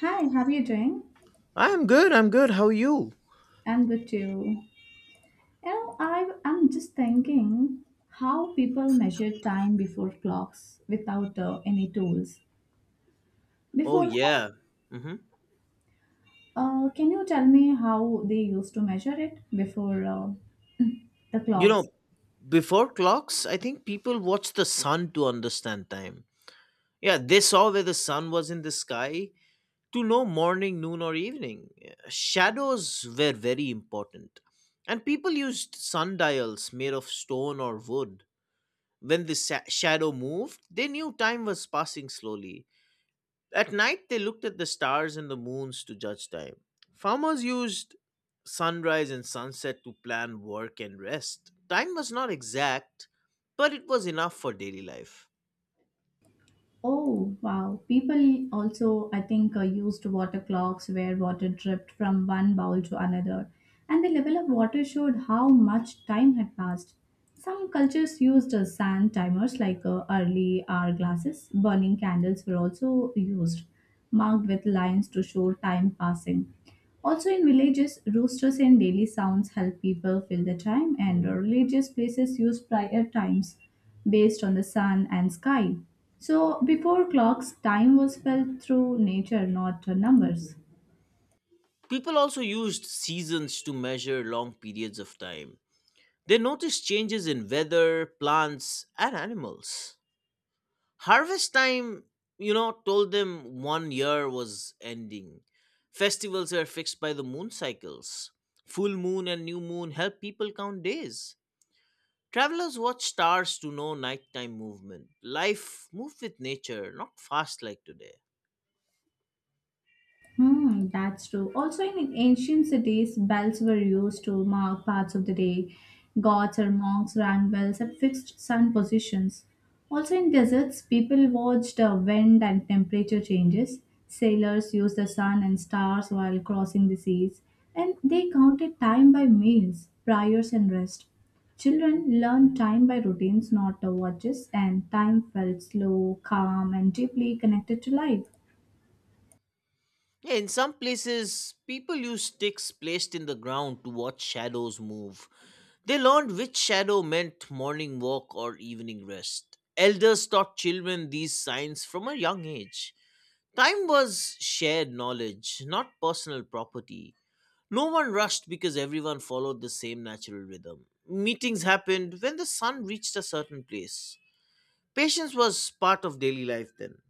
Hi, how are you doing? I'm good. I'm good. How are you? I'm good too. You know, I'm just thinking how people measure time before clocks without any tools. Oh Before, yeah. Hmm. can you tell me how they used to measure it before the You clocks? know, before clocks, I think people watched the sun to understand time. Yeah, they saw where the sun was in the sky to know morning, noon, or evening. Yeah, shadows were very important, and people used sundials made of stone or wood. When the shadow moved, they knew time was passing slowly. At night, they looked at the stars and the moons to judge time. Farmers used sunrise and sunset to plan work and rest. Time was not exact, but it was enough for daily life. Oh, wow. People also, I think, used water clocks where water dripped from one bowl to another, and the level of water showed how much time had passed. Some cultures used sand timers like early hourglasses. Burning candles were also used, marked with lines to show time passing. Also, in villages, roosters and daily sounds help people fill the time, and religious places use prior times based on the sun and sky. So, before clocks, time was felt through nature, not numbers. People also used seasons to measure long periods of time. They noticed changes in weather, plants, and animals. Harvest time, you know, told them one year was ending. Festivals were fixed by the moon cycles. Full moon and new moon help people count days. Travelers watch stars to know nighttime movement. Life moved with nature, not fast like today. Hmm, that's true. Also, in ancient cities, bells were used to mark parts of the day. Gods or monks rang bells at fixed sun positions. Also, in deserts, people watched the wind and temperature changes. Sailors used the sun and stars while crossing the seas, and they counted time by meals, prayers, and rest. Children learned time by routines, not the watches, and time felt slow, calm, and deeply connected to life. Yeah, in some places, people use sticks placed in the ground to watch shadows move. They learned which shadow meant morning walk or evening rest. Elders taught children these signs from a young age. Time was shared knowledge, not personal property. No one rushed because everyone followed the same natural rhythm. Meetings happened when the sun reached a certain place. Patience was part of daily life then.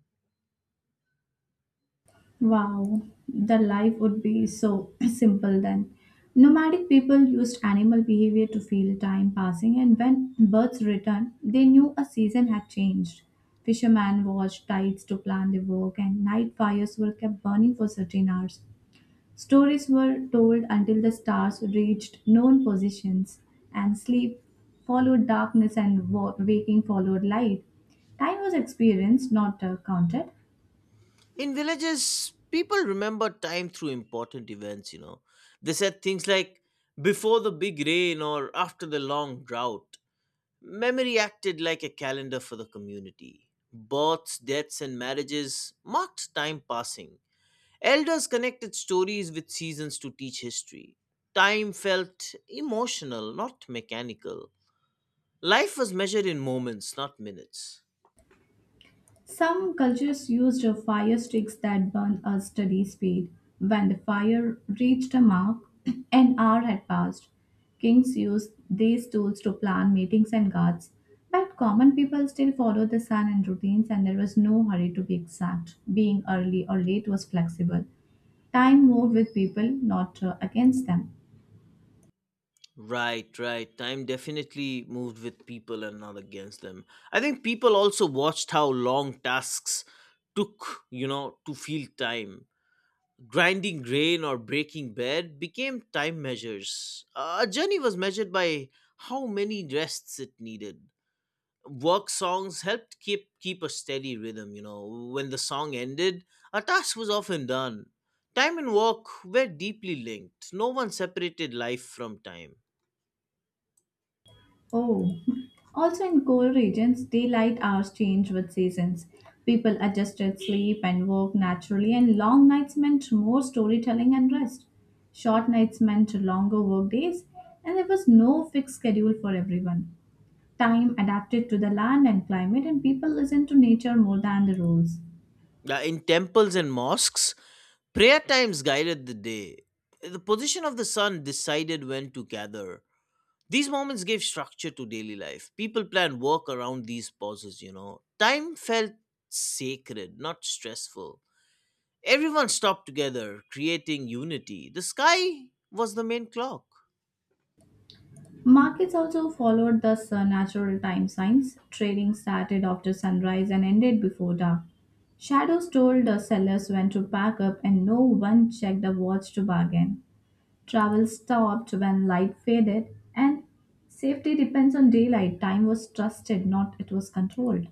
Wow, the life would be so simple then. Nomadic people used animal behavior to feel time passing, and when birds returned, they knew a season had changed. Fishermen watched tides to plan their work, and night fires were kept burning for certain hours. Stories were told until the stars reached known positions, and sleep followed darkness, and waking followed light. Time was experienced, not counted. In villages, people remember time through important events, you know. They said things like before the big rain or after the long drought. Memory acted like a calendar for the community. Births, deaths, and marriages marked time passing. Elders connected stories with seasons to teach history. Time felt emotional, not mechanical. Life was measured in moments, not minutes. Some cultures used fire sticks that burned at steady speed. When the fire reached a mark, an hour had passed. Kings used these tools to plan meetings and guards, but common people still followed the sun and routines, and there was no hurry to be exact. Being early or late was flexible. Time moved with people, not against them. Right, right. Time definitely moved with people and not against them. I think people also watched how long tasks took, you know, to feel time. Grinding grain or breaking bread became time measures. A journey was measured by how many rests it needed. Work songs helped keep a steady rhythm, you know. When the song ended, a task was often done. Time and work were deeply linked. No one separated life from time. Oh, also in cold regions, daylight hours change with seasons. People adjusted sleep and work naturally, and long nights meant more storytelling and rest. Short nights meant longer work days, and there was no fixed schedule for everyone. Time adapted to the land and climate, and people listened to nature more than the rules. In temples and mosques, prayer times guided the day. The position of the sun decided when to gather. These moments gave structure to daily life. People plan work around these pauses, you know. Time felt sacred, not stressful. Everyone stopped together, creating unity. The sky was the main clock. Markets also followed the sun natural time signs. Trading started after sunrise and ended before dark. Shadows told the sellers when to pack up, and no one checked the watch to bargain. Travel stopped when light faded, and safety depends on daylight. Time was trusted, not it was controlled.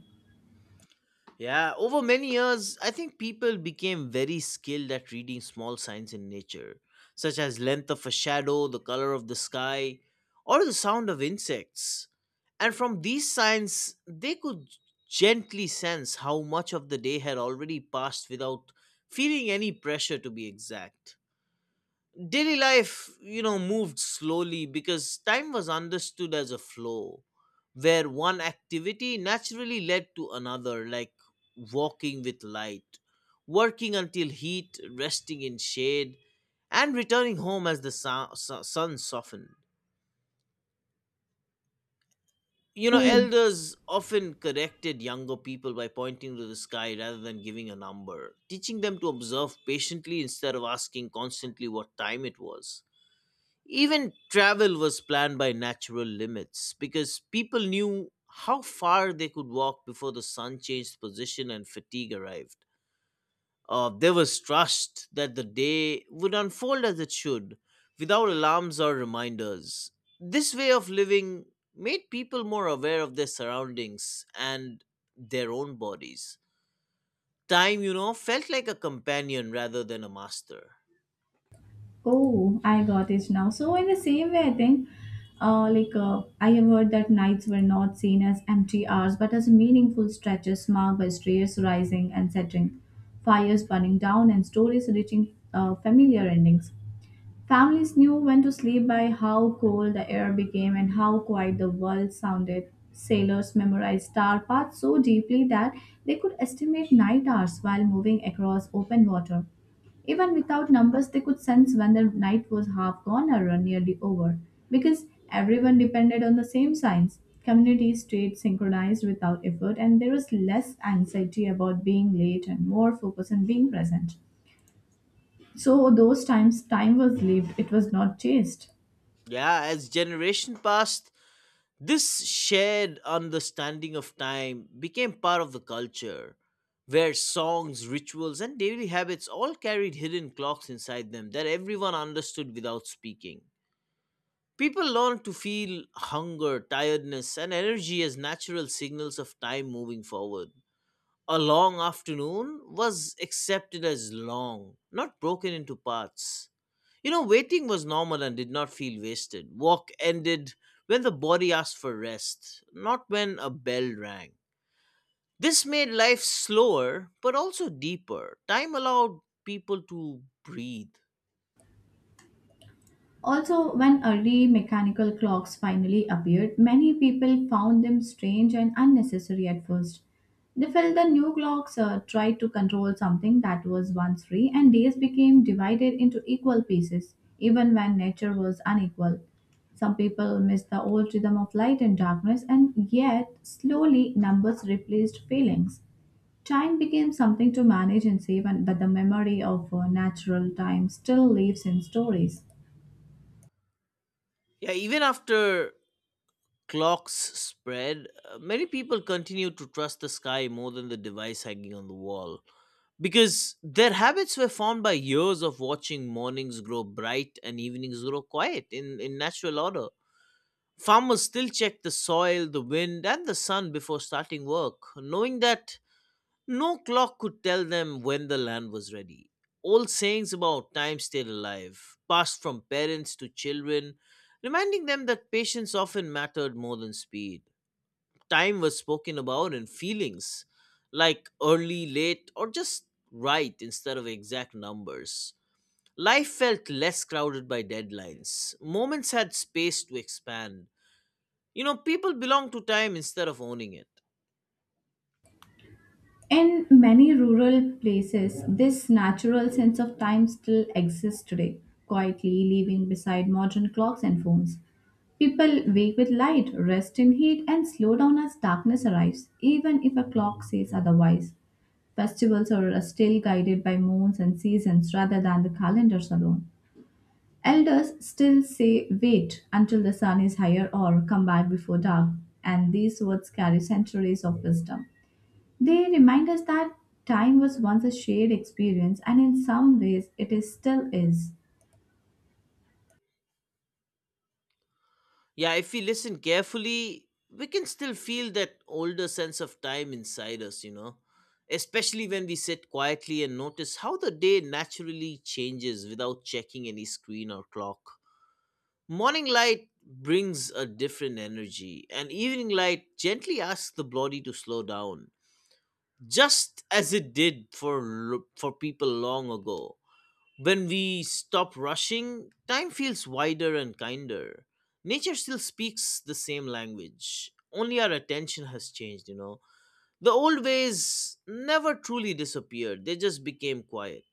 Yeah, over many years, I think people became very skilled at reading small signs in nature, such as length of a shadow, the color of the sky, or the sound of insects. And from these signs, they could gently sense how much of the day had already passed without feeling any pressure to be exact. Daily life, you know, moved slowly because time was understood as a flow where one activity naturally led to another, like walking with light, working until heat, resting in shade, and returning home as the sun softened. You know, Oh, elders often corrected younger people by pointing to the sky rather than giving a number, teaching them to observe patiently instead of asking constantly what time it was. Even travel was planned by natural limits because people knew how far they could walk before the sun changed position and fatigue arrived. There was trust that the day would unfold as it should, without alarms or reminders. This way of living made people more aware of their surroundings and their own bodies. Time, you know, felt like a companion rather than a master. Oh, I got it now. So in the same way, I think, like I have heard that nights were not seen as empty hours, but as meaningful stretches marked by stars rising and setting, fires burning down, and stories reaching familiar endings. Families knew when to sleep by how cold the air became and how quiet the world sounded. Sailors memorized star paths so deeply that they could estimate night hours while moving across open water. Even without numbers, they could sense when the night was half gone or nearly over, because everyone depended on the same signs. Communities stayed synchronized without effort, and there was less anxiety about being late and more focus on being present. So those times time was lived, it was not chased. Yeah, as generation passed, this shared understanding of time became part of the culture, where songs, rituals, and daily habits all carried hidden clocks inside them that everyone understood without speaking. People learned to feel hunger, tiredness, and energy as natural signals of time moving forward. A long afternoon was accepted as long, not broken into parts. You know, waiting was normal and did not feel wasted. Walk ended when the body asked for rest, not when a bell rang. This made life slower, but also deeper. Time allowed people to breathe. Also, when early mechanical clocks finally appeared, many people found them strange and unnecessary at first. They felt the new clocks tried to control something that was once free, and days became divided into equal pieces, even when nature was unequal. Some people missed the old rhythm of light and darkness, and yet slowly numbers replaced feelings. Time became something to manage and save, but the memory of natural time still lives in stories. Yeah, even after clocks spread, many people continued to trust the sky more than the device hanging on the wall because their habits were formed by years of watching mornings grow bright and evenings grow quiet in, natural order. Farmers still check the soil, the wind, and the sun before starting work, knowing that no clock could tell them when the land was ready. Old sayings about time stayed alive, passed from parents to children, reminding them that patience often mattered more than speed. Time was spoken about in feelings, like early, late, or just right instead of exact numbers. Life felt less crowded by deadlines. Moments had space to expand. You know, people belong to time instead of owning it. In many rural places, this natural sense of time still exists today, quietly living beside modern clocks and phones. People wake with light, rest in heat, and slow down as darkness arrives, even if a clock says otherwise. Festivals are still guided by moons and seasons rather than the calendars alone. Elders still say, wait until the sun is higher or come back before dark, and these words carry centuries of wisdom. They remind us that time was once a shared experience, and in some ways, it is still is. Yeah, if we listen carefully, we can still feel that older sense of time inside us, you know. Especially when we sit quietly and notice how the day naturally changes without checking any screen or clock. Morning light brings a different energy, and evening light gently asks the body to slow down, just as it did for, people long ago. When we stop rushing, time feels wider and kinder. Nature still speaks the same language, only our attention has changed, you know. The old ways never truly disappeared, they just became quiet.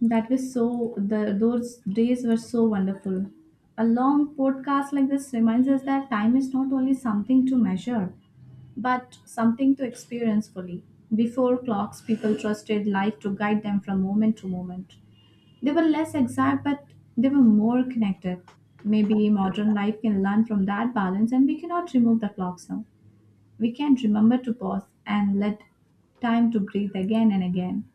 That was so, the, those days were so wonderful. A long podcast like this reminds us that time is not only something to measure, but something to experience fully. Before clocks, people trusted life to guide them from moment to moment. They were less exact, but they were more connected. Maybe modern life can learn from that balance, and we cannot remove the clocks now. We can remember to pause and let time to breathe again and again.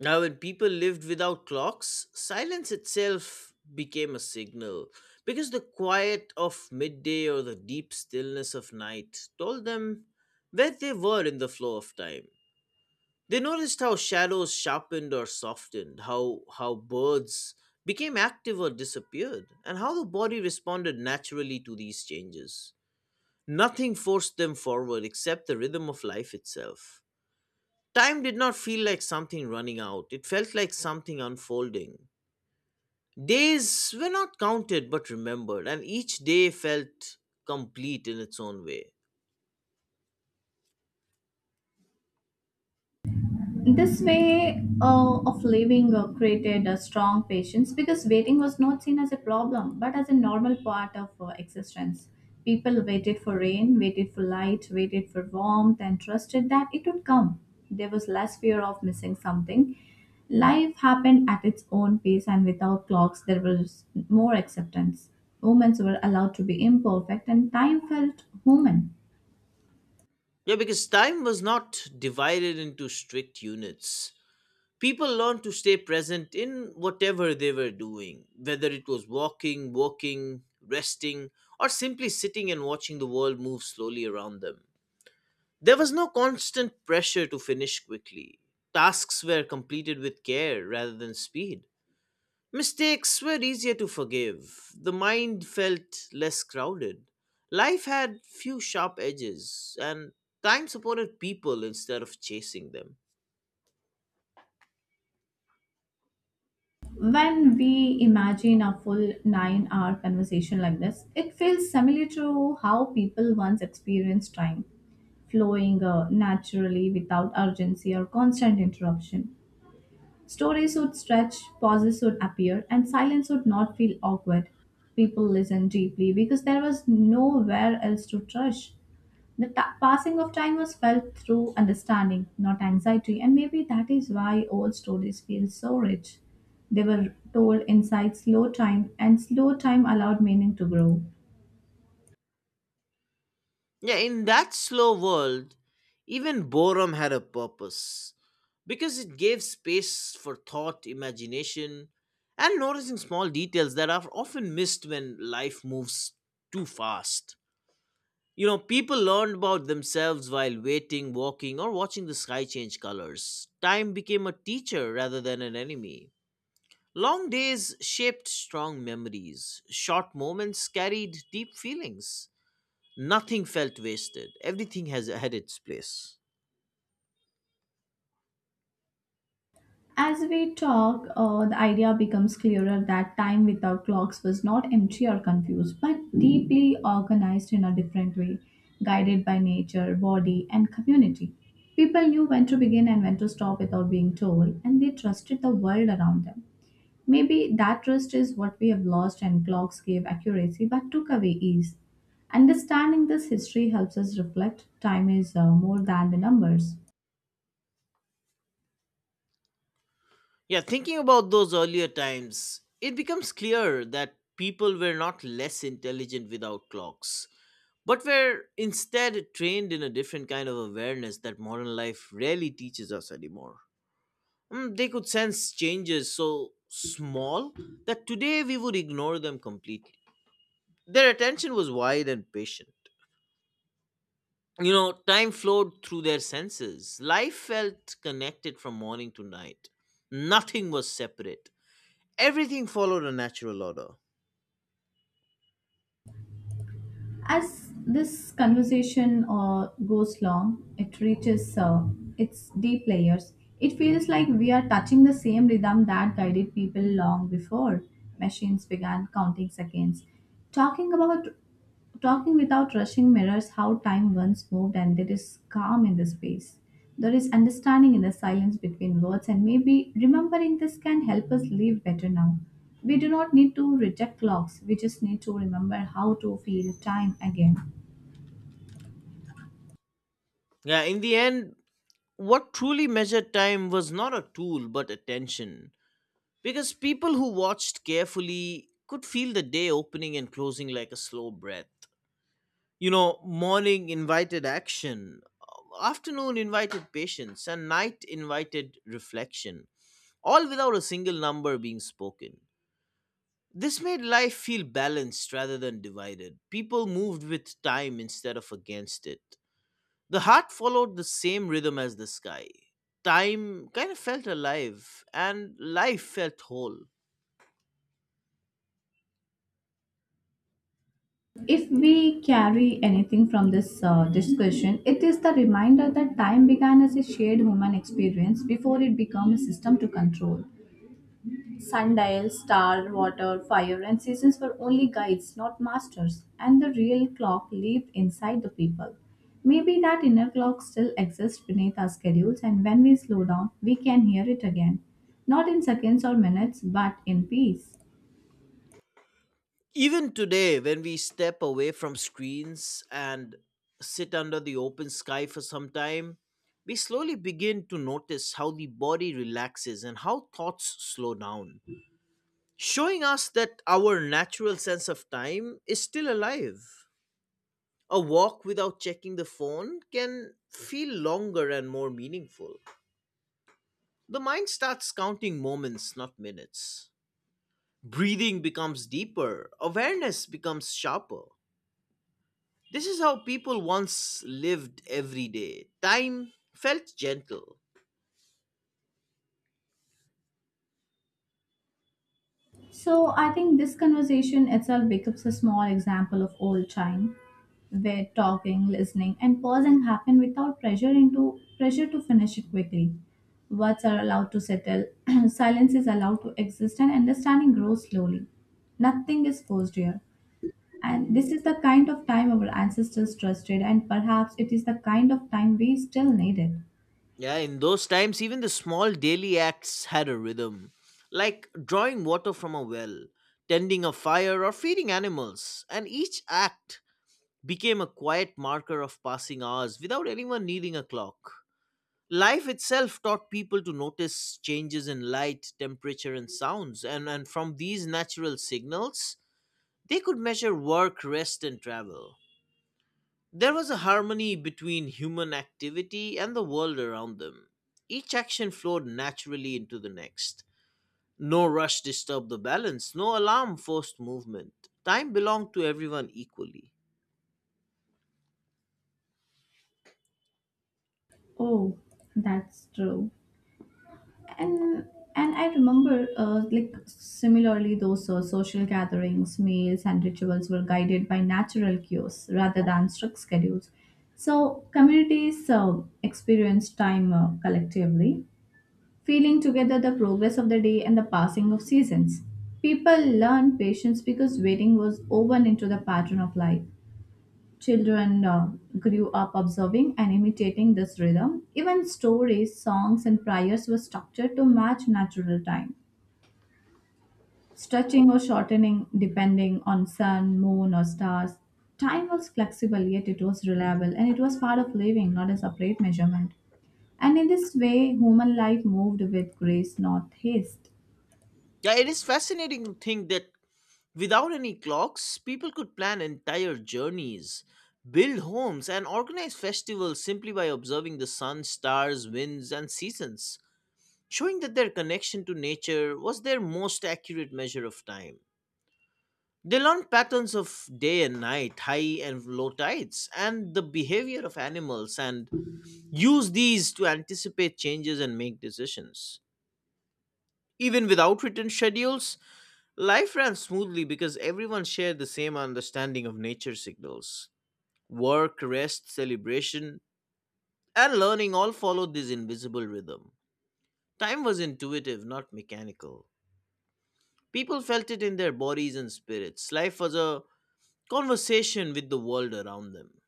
Now, when people lived without clocks, silence itself became a signal because the quiet of midday or the deep stillness of night told them where they were in the flow of time. They noticed how shadows sharpened or softened, how birds became active or disappeared, and how the body responded naturally to these changes. Nothing forced them forward except the rhythm of life itself. Time did not feel like something running out, it felt like something unfolding. Days were not counted but remembered, and each day felt complete in its own way. This way of living created a strong patience because waiting was not seen as a problem but as a normal part of existence. People waited for rain, waited for light, waited for warmth, and trusted that it would come. There was less fear of missing something. Life happened at its own pace, and without clocks, there was more acceptance. Moments were allowed to be imperfect, and time felt human. Yeah, because time was not divided into strict units, people learn to stay present in whatever they were doing, whether it was walking, resting, or simply sitting and watching the world move slowly around them. There was no constant pressure to finish quickly. Tasks were completed with care rather than speed. Mistakes were easier to forgive. The mind felt less crowded. Life had few sharp edges, and time supported people instead of chasing them. When we imagine a full 9-hour conversation like this, it feels similar to how people once experienced time, flowing naturally without urgency or constant interruption. Stories would stretch, pauses would appear, and silence would not feel awkward. People listened deeply because there was nowhere else to rush. The passing of time was felt through understanding, not anxiety, and maybe that is why old stories feel so rich. They were told inside slow time, and slow time allowed meaning to grow. Yeah, in that slow world, even boredom had a purpose because it gave space for thought, imagination, and noticing small details that are often missed when life moves too fast. You know, people learned about themselves while waiting, walking, or watching the sky change colors. Time became a teacher rather than an enemy. Long days shaped strong memories. Short moments carried deep feelings. Nothing felt wasted. Everything has had its place. As we talk, the idea becomes clearer that time without clocks was not empty or confused, but deeply organized in a different way, guided by nature, body, and community. People knew when to begin and when to stop without being told, and they trusted the world around them. Maybe that trust is what we have lost, and clocks gave accuracy but took away ease. Understanding this history helps us reflect time is more than the numbers. Yeah, thinking about those earlier times, it becomes clear that people were not less intelligent without clocks, but were instead trained in a different kind of awareness that modern life rarely teaches us anymore. They could sense changes so small that today we would ignore them completely. Their attention was wide and patient. You know, time flowed through their senses. Life felt connected from morning to night. Nothing was separate. Everything followed a natural order. As this conversation goes long, it reaches its deep layers. It feels like we are touching the same rhythm that guided people long before machines began counting seconds. Talking about Talking without rushing mirrors how time once moved, and there is calm in the space. There is understanding in the silence between words, and maybe remembering this can help us live better now. We do not need to reject clocks, we just need to remember how to feel time again. Yeah, in the end, what truly measured time was not a tool but attention. Because people who watched carefully could feel the day opening and closing like a slow breath. You know, morning invited action, afternoon invited patience, and night invited reflection, all without a single number being spoken. This made life feel balanced rather than divided. People moved with time instead of against it. The heart followed the same rhythm as the sky. Time kind of felt alive, and life felt whole. If we carry anything from this discussion, it is the reminder that time began as a shared human experience before it became a system to control. Sundial, star, water, fire, and seasons were only guides, not masters, and the real clock lived inside the people. Maybe that inner clock still exists beneath our schedules, and when we slow down, we can hear it again. Not in seconds or minutes, but in peace. Even today, when we step away from screens and sit under the open sky for some time, we slowly begin to notice how the body relaxes and how thoughts slow down, showing us that our natural sense of time is still alive. A walk without checking the phone can feel longer and more meaningful. The mind starts counting moments, not minutes. Breathing becomes deeper, awareness becomes sharper. This is how people once lived every day. Time felt gentle. So I think this conversation itself becomes a small example of old time where talking, listening and pausing happen without pressure into pressure to finish it quickly. Words are allowed to settle, silence is allowed to exist and understanding grows slowly. Nothing is forced here. And this is the kind of time our ancestors trusted and perhaps it is the kind of time we still need it. Yeah, in those times, even the small daily acts had a rhythm, like drawing water from a well, tending a fire, or feeding animals, and each act became a quiet marker of passing hours without anyone needing a clock. Life itself taught people to notice changes in light, temperature, and sounds, and, from these natural signals, they could measure work, rest, and travel. There was a harmony between human activity and the world around them. Each action flowed naturally into the next. No rush disturbed the balance, no alarm forced movement. Time belonged to everyone equally. Oh, that's true. and and I remember like similarly those social gatherings meals and rituals were guided by natural cues rather than strict schedules, so communities experienced time collectively, feeling together the progress of the day and the passing of seasons. People learned patience because waiting was woven into the pattern of life. Children grew up observing and imitating this rhythm. Even stories, songs, and prayers were structured to match natural time, stretching or shortening depending on sun, moon, or stars. Time was flexible, yet it was reliable, and it was part of living, not a separate measurement. And in this way, human life moved with grace, not haste. Yeah, it is fascinating to think that without any clocks, people could plan entire journeys, build homes, and organize festivals simply by observing the sun, stars, winds, and seasons, showing that their connection to nature was their most accurate measure of time. They learned patterns of day and night, high and low tides, and the behavior of animals, and use these to anticipate changes and make decisions. Even without written schedules, life ran smoothly because everyone shared the same understanding of nature signals. Work, rest, celebration, and learning all followed this invisible rhythm. Time was intuitive, not mechanical. People felt it in their bodies and spirits. Life was a conversation with the world around them.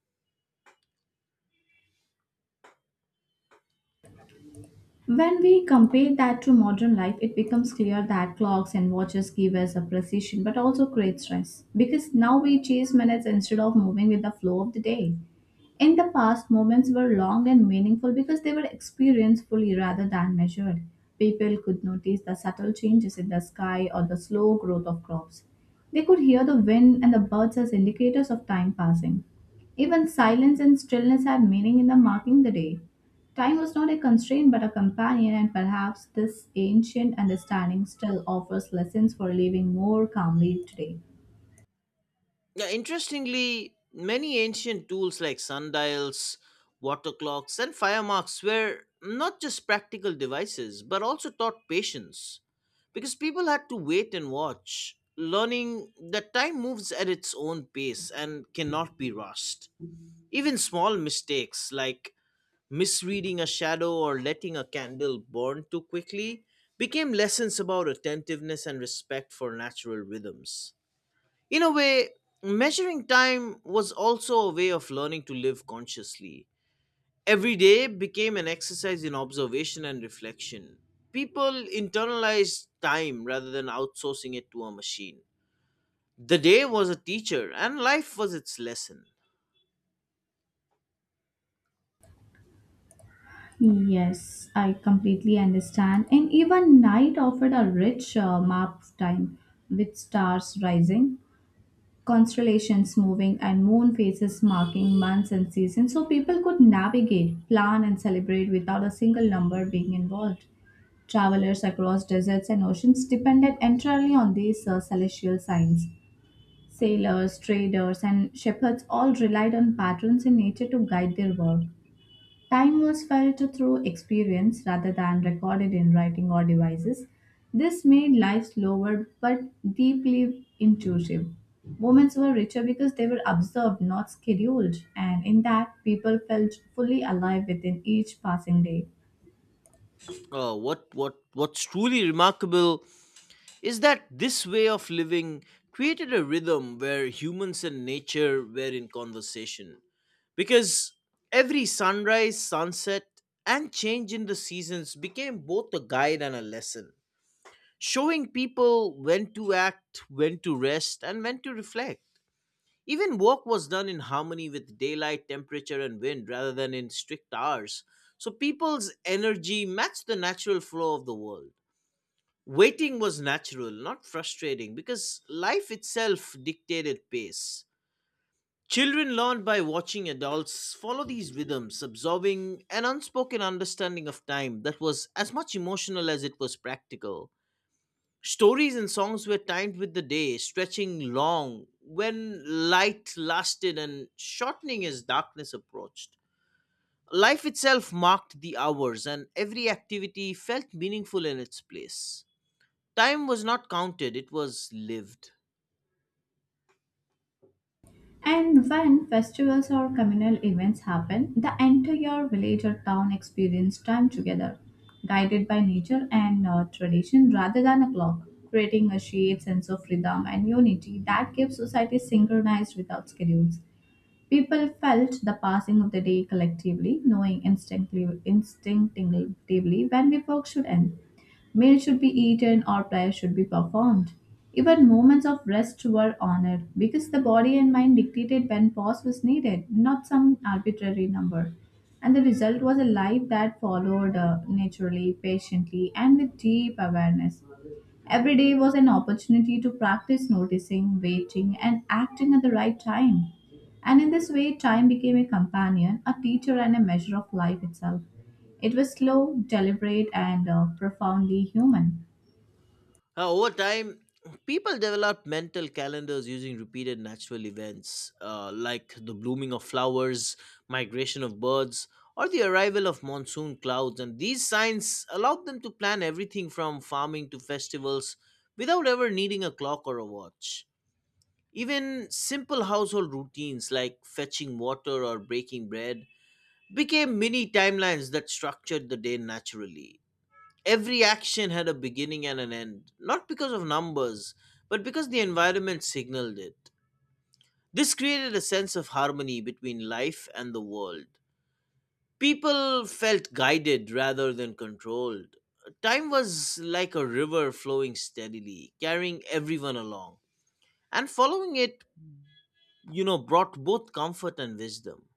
When we compare that to modern life, it becomes clear that clocks and watches give us a precision but also create stress because now we chase minutes instead of moving with the flow of the day. In the past, moments were long and meaningful because they were experienced fully rather than measured. People could notice the subtle changes in the sky or the slow growth of crops. They could hear the wind and the birds as indicators of time passing. Even silence and stillness had meaning in the marking the day. Time was not a constraint but a companion, and perhaps this ancient understanding still offers lessons for living more calmly today. Yeah, interestingly, many ancient tools like sundials, water clocks, and fire marks were not just practical devices, but also taught patience because people had to wait and watch, learning that time moves at its own pace and cannot be rushed. Even small mistakes like misreading a shadow or letting a candle burn too quickly became lessons about attentiveness and respect for natural rhythms. In a way, measuring time was also a way of learning to live consciously. Every day became an exercise in observation and reflection. People internalized time rather than outsourcing it to a machine. The day was a teacher and life was its lesson. Yes, I completely understand. And even night offered a rich map of time with stars rising, constellations moving, and moon phases marking months and seasons so people could navigate, plan, and celebrate without a single number being involved. Travelers across deserts and oceans depended entirely on these celestial signs. Sailors, traders, and shepherds all relied on patterns in nature to guide their work. Time was felt through experience rather than recorded in writing or devices. This made life slower but deeply intuitive. Moments were richer because they were observed, not scheduled, and in that, people felt fully alive within each passing day. What's truly remarkable is that this way of living created a rhythm where humans and nature were in conversation because every sunrise, sunset, and change in the seasons became both a guide and a lesson, showing people when to act, when to rest, and when to reflect. Even work was done in harmony with daylight, temperature, and wind rather than in strict hours, so people's energy matched the natural flow of the world. Waiting was natural, not frustrating, because life itself dictated pace. Children learn by watching adults follow these rhythms, absorbing an unspoken understanding of time that was as much emotional as it was practical. Stories and songs were timed with the day, stretching long when light lasted and shortening as darkness approached. Life itself marked the hours, and every activity felt meaningful in its place. Time was not counted, it was lived. And when festivals or communal events happen, the entire village or town experience time together, guided by nature and tradition rather than a clock, creating a shared sense of rhythm and unity that keeps society synchronized without schedules. People felt the passing of the day collectively, knowing instinctively when the work should end. Meals should be eaten or prayers should be performed. Even moments of rest were honored because the body and mind dictated when pause was needed, not some arbitrary number. And the result was a life that followed naturally, patiently, and with deep awareness. Every day was an opportunity to practice noticing, waiting, and acting at the right time. And in this way, time became a companion, a teacher, and a measure of life itself. It was slow, deliberate, and profoundly human. Over time, people developed mental calendars using repeated natural events like the blooming of flowers, migration of birds, or the arrival of monsoon clouds. And these signs allowed them to plan everything from farming to festivals without ever needing a clock or a watch. Even simple household routines like fetching water or breaking bread became mini timelines that structured the day naturally. Every action had a beginning and an end, not because of numbers, but because the environment signaled it. This created a sense of harmony between life and the world. People felt guided rather than controlled. Time was like a river flowing steadily, carrying everyone along. And following it, brought both comfort and wisdom.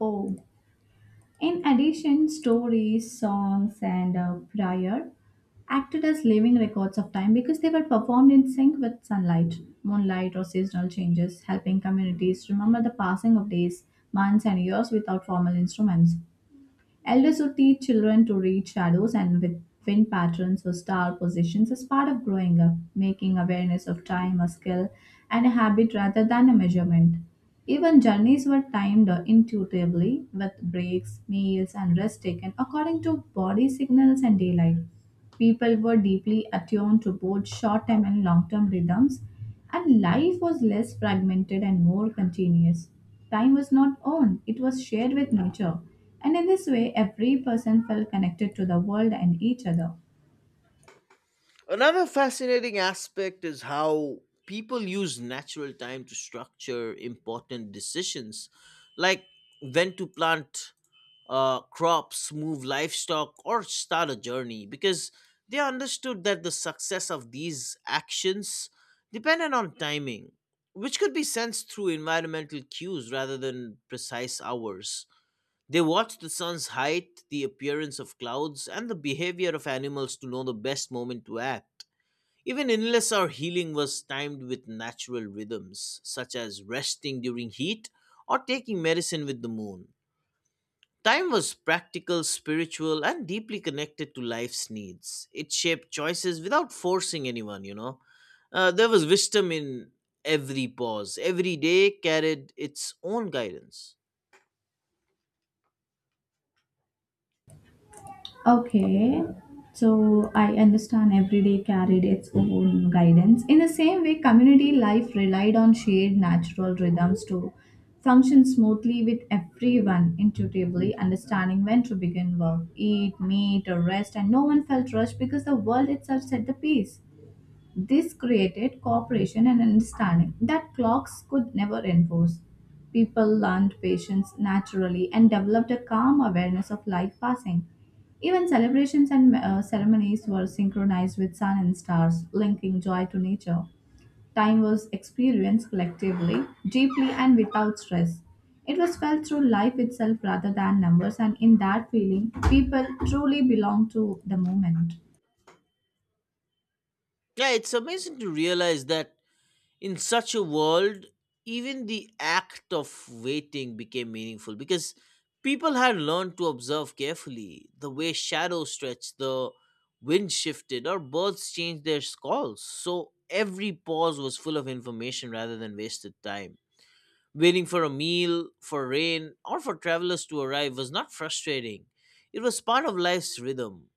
Oh. In addition, stories, songs, and prayer acted as living records of time because they were performed in sync with sunlight, moonlight, or seasonal changes, helping communities remember the passing of days, months, and years without formal instruments. Elders who teach children to read shadows and with wind patterns or star positions is part of growing up, making awareness of time a skill and a habit rather than a measurement. Even journeys were timed intuitively with breaks, meals, and rest taken according to body signals and daylight. People were deeply attuned to both short term and long term rhythms, and life was less fragmented and more continuous. Time was not owned, it was shared with nature. And in this way, every person felt connected to the world and each other. Another fascinating aspect is how people use natural time to structure important decisions, like when to plant crops, move livestock, or start a journey, because they understood that the success of these actions depended on timing, which could be sensed through environmental cues rather than precise hours. They watched the sun's height, the appearance of clouds, and the behavior of animals to know the best moment to act. Even illness or healing was timed with natural rhythms, such as resting during heat or taking medicine with the moon. Time was practical, spiritual, and deeply connected to life's needs. It shaped choices without forcing anyone. There was wisdom in every pause. Every day carried its own guidance. Okay, so I understand every day carried its own guidance. In the same way, community life relied on shared natural rhythms to function smoothly with everyone intuitively understanding when to begin work, eat, meet, or rest, and no one felt rushed because the world itself set the pace. This created cooperation and understanding that clocks could never enforce. People learned patience naturally and developed a calm awareness of life passing. Even celebrations and ceremonies were synchronized with sun and stars, linking joy to nature. Time was experienced collectively, deeply, and without stress. It was felt through life itself rather than numbers, and in that feeling, people truly belonged to the moment. Yeah, it's amazing to realize that in such a world, even the act of waiting became meaningful because people had learned to observe carefully the way shadows stretched, the wind shifted, or birds changed their calls. So every pause was full of information rather than wasted time. Waiting for a meal, for rain, or for travelers to arrive was not frustrating. It was part of life's rhythm.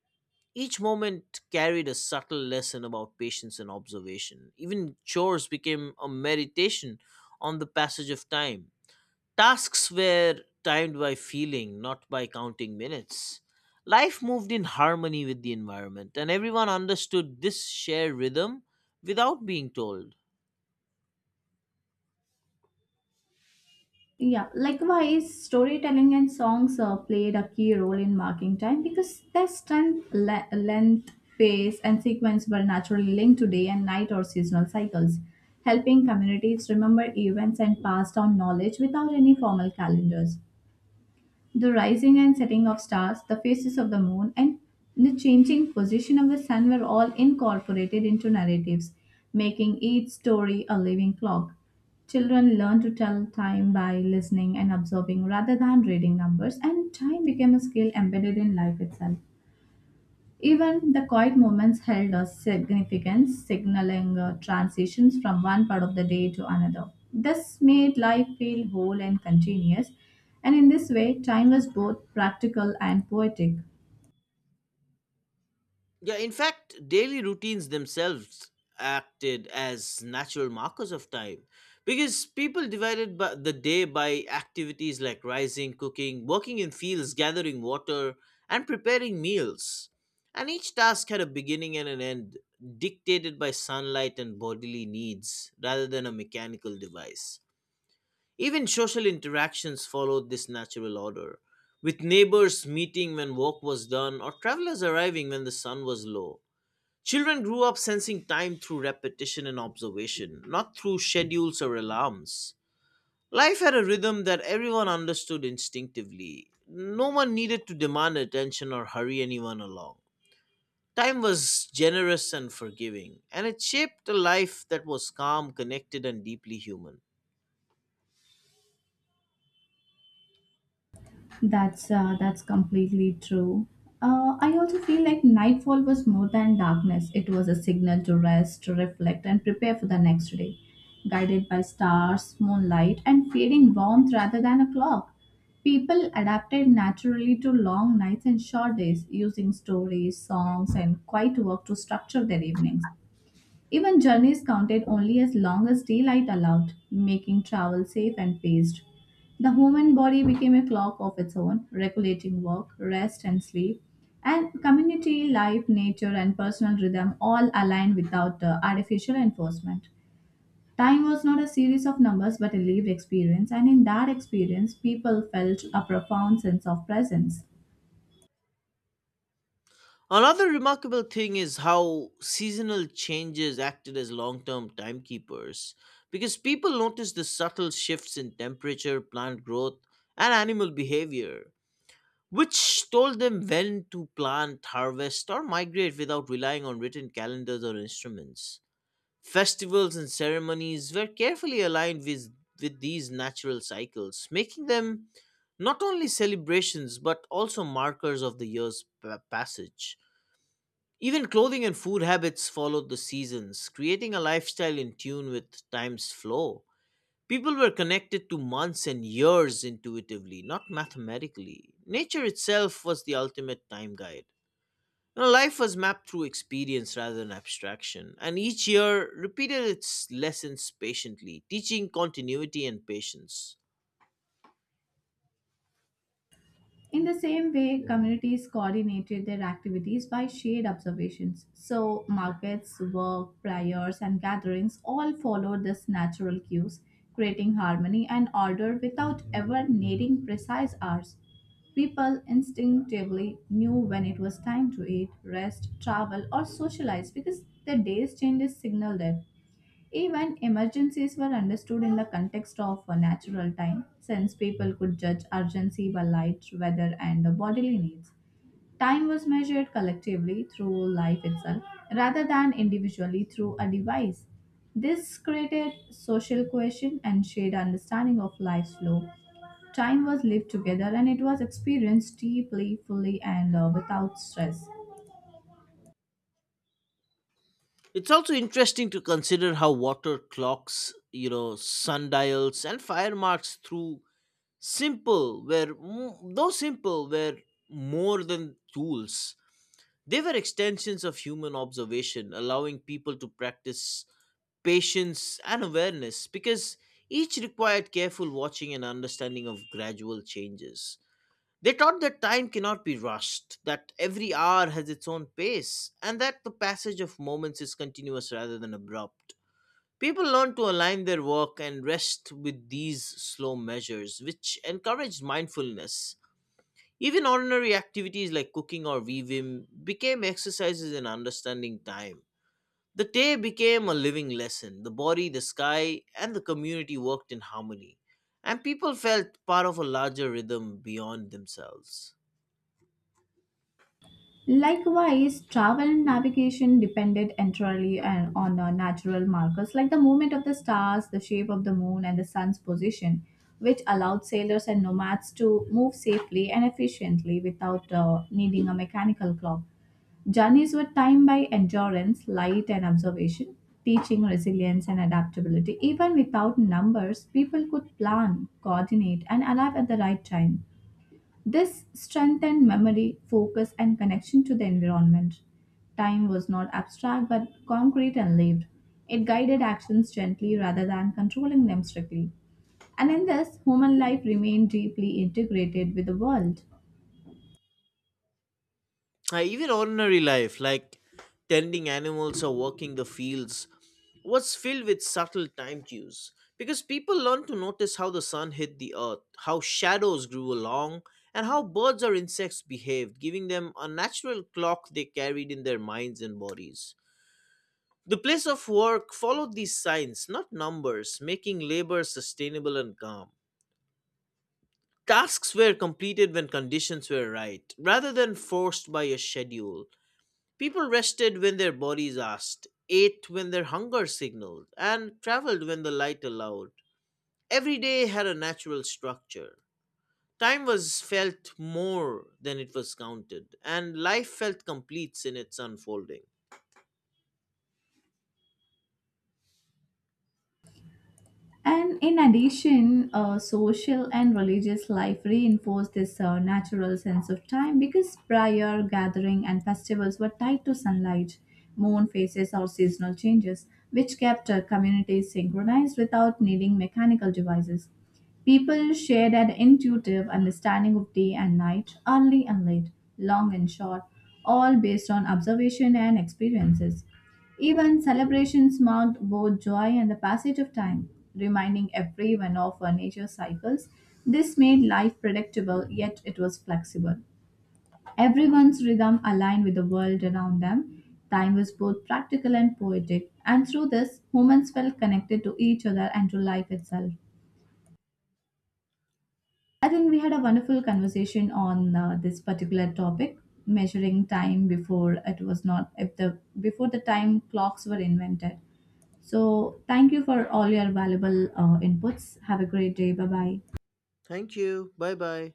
Each moment carried a subtle lesson about patience and observation. Even chores became a meditation on the passage of time. Tasks were timed by feeling, not by counting minutes. Life moved in harmony with the environment, and everyone understood this shared rhythm without being told. Yeah, likewise, storytelling and songs played a key role in marking time because their strength, length, pace, and sequence were naturally linked to day and night or seasonal cycles, helping communities remember events and pass down knowledge without any formal calendars. The rising and setting of stars, the phases of the moon, and the changing position of the sun were all incorporated into narratives, making each story a living clock. Children learned to tell time by listening and observing rather than reading numbers, and time became a skill embedded in life itself. Even the quiet moments held a significance, signaling transitions from one part of the day to another. This made life feel whole and continuous, and in this way, time was both practical and poetic. Yeah, in fact, daily routines themselves acted as natural markers of time because people divided by the day by activities like rising, cooking, working in fields, gathering water, and preparing meals. And each task had a beginning and an end, dictated by sunlight and bodily needs rather than a mechanical device. Even social interactions followed this natural order, with neighbors meeting when work was done or travelers arriving when the sun was low. Children grew up sensing time through repetition and observation, not through schedules or alarms. Life had a rhythm that everyone understood instinctively. No one needed to demand attention or hurry anyone along. Time was generous and forgiving, and it shaped a life that was calm, connected, and deeply human. That's completely true. I also feel like nightfall was more than darkness. It was a signal to rest, to reflect, and prepare for the next day, guided by stars, moonlight, and feeling warmth rather than a clock. People adapted naturally to long nights and short days, using stories, songs, and quiet work to structure their evenings. Even journeys counted only as long as daylight allowed, making travel safe and paced. The human body became a clock of its own, regulating work, rest, and sleep. And community life, nature, and personal rhythm all aligned without artificial enforcement. Time was not a series of numbers but a lived experience, and in that experience, people felt a profound sense of presence. Another remarkable thing is how seasonal changes acted as long term timekeepers because people noticed the subtle shifts in temperature, plant growth, and animal behavior, which told them when to plant, harvest, or migrate without relying on written calendars or instruments. Festivals and ceremonies were carefully aligned with these natural cycles, making them not only celebrations but also markers of the year's passage. Even clothing and food habits followed the seasons, creating a lifestyle in tune with time's flow. People were connected to months and years intuitively, not mathematically. Nature itself was the ultimate time guide. You know, life was mapped through experience rather than abstraction, and each year repeated its lessons patiently, teaching continuity and patience. In the same way, communities coordinated their activities by shared observations. So, markets, work, prayers, and gatherings all followed this natural cues, creating harmony and order without ever needing precise hours. People instinctively knew when it was time to eat, rest, travel, or socialize because their day's changes signaled it. Even emergencies were understood in the context of a natural time, since people could judge urgency by light, weather, and the bodily needs. Time was measured collectively through life itself rather than individually through a device. This created social cohesion and shared understanding of life's flow. Time was lived together and it was experienced deeply, fully, and without stress. It's also interesting to consider how water clocks, you know, sundials, and fire marks, through simple were m- though simple, were more than tools. They were extensions of human observation, allowing people to practice patience and awareness because each required careful watching and understanding of gradual changes. They taught that time cannot be rushed, that every hour has its own pace, and that the passage of moments is continuous rather than abrupt. People learn to align their work and rest with these slow measures, which encouraged mindfulness. Even ordinary activities like cooking or weaving became exercises in understanding time. The day became a living lesson. The body, the sky, and the community worked in harmony, and people felt part of a larger rhythm beyond themselves. Likewise, travel and navigation depended on natural markers like the movement of the stars, the shape of the moon, and the sun's position, which allowed sailors and nomads to move safely and efficiently without needing a mechanical clock. Journeys were timed by endurance, light, and observation, teaching resilience and adaptability. Even without numbers, people could plan, coordinate, and arrive at the right time. This strengthened memory, focus, and connection to the environment. Time was not abstract but concrete and lived. It guided actions gently rather than controlling them strictly. And in this, human life remained deeply integrated with the world. Even ordinary life, like tending animals or working the fields, was filled with subtle time cues. Because people learned to notice how the sun hit the earth, how shadows grew along, and how birds or insects behaved, giving them a natural clock they carried in their minds and bodies. The place of work followed these signs, not numbers, making labor sustainable and calm. Tasks were completed when conditions were right, rather than forced by a schedule. People rested when their bodies asked, ate when their hunger signaled, and traveled when the light allowed. Every day had a natural structure. Time was felt more than it was counted, and life felt complete in its unfolding. And in addition, social and religious life reinforced this natural sense of time because prior gathering and festivals were tied to sunlight, moon phases, or seasonal changes, which kept communities synchronized without needing mechanical devices. People shared an intuitive understanding of day and night, early and late, long and short, all based on observation and experiences. Even celebrations marked both joy and the passage of time, reminding everyone of nature's cycles. This made life predictable, yet it was flexible. Everyone's rhythm aligned with the world around them. Time was both practical and poetic, and through this, humans felt connected to each other and to life itself. I think we had a wonderful conversation on this particular topic, measuring time before it was not if the before the time clocks were invented. So, thank you for all your valuable inputs. Have a great day. Bye bye. Thank you. Bye bye.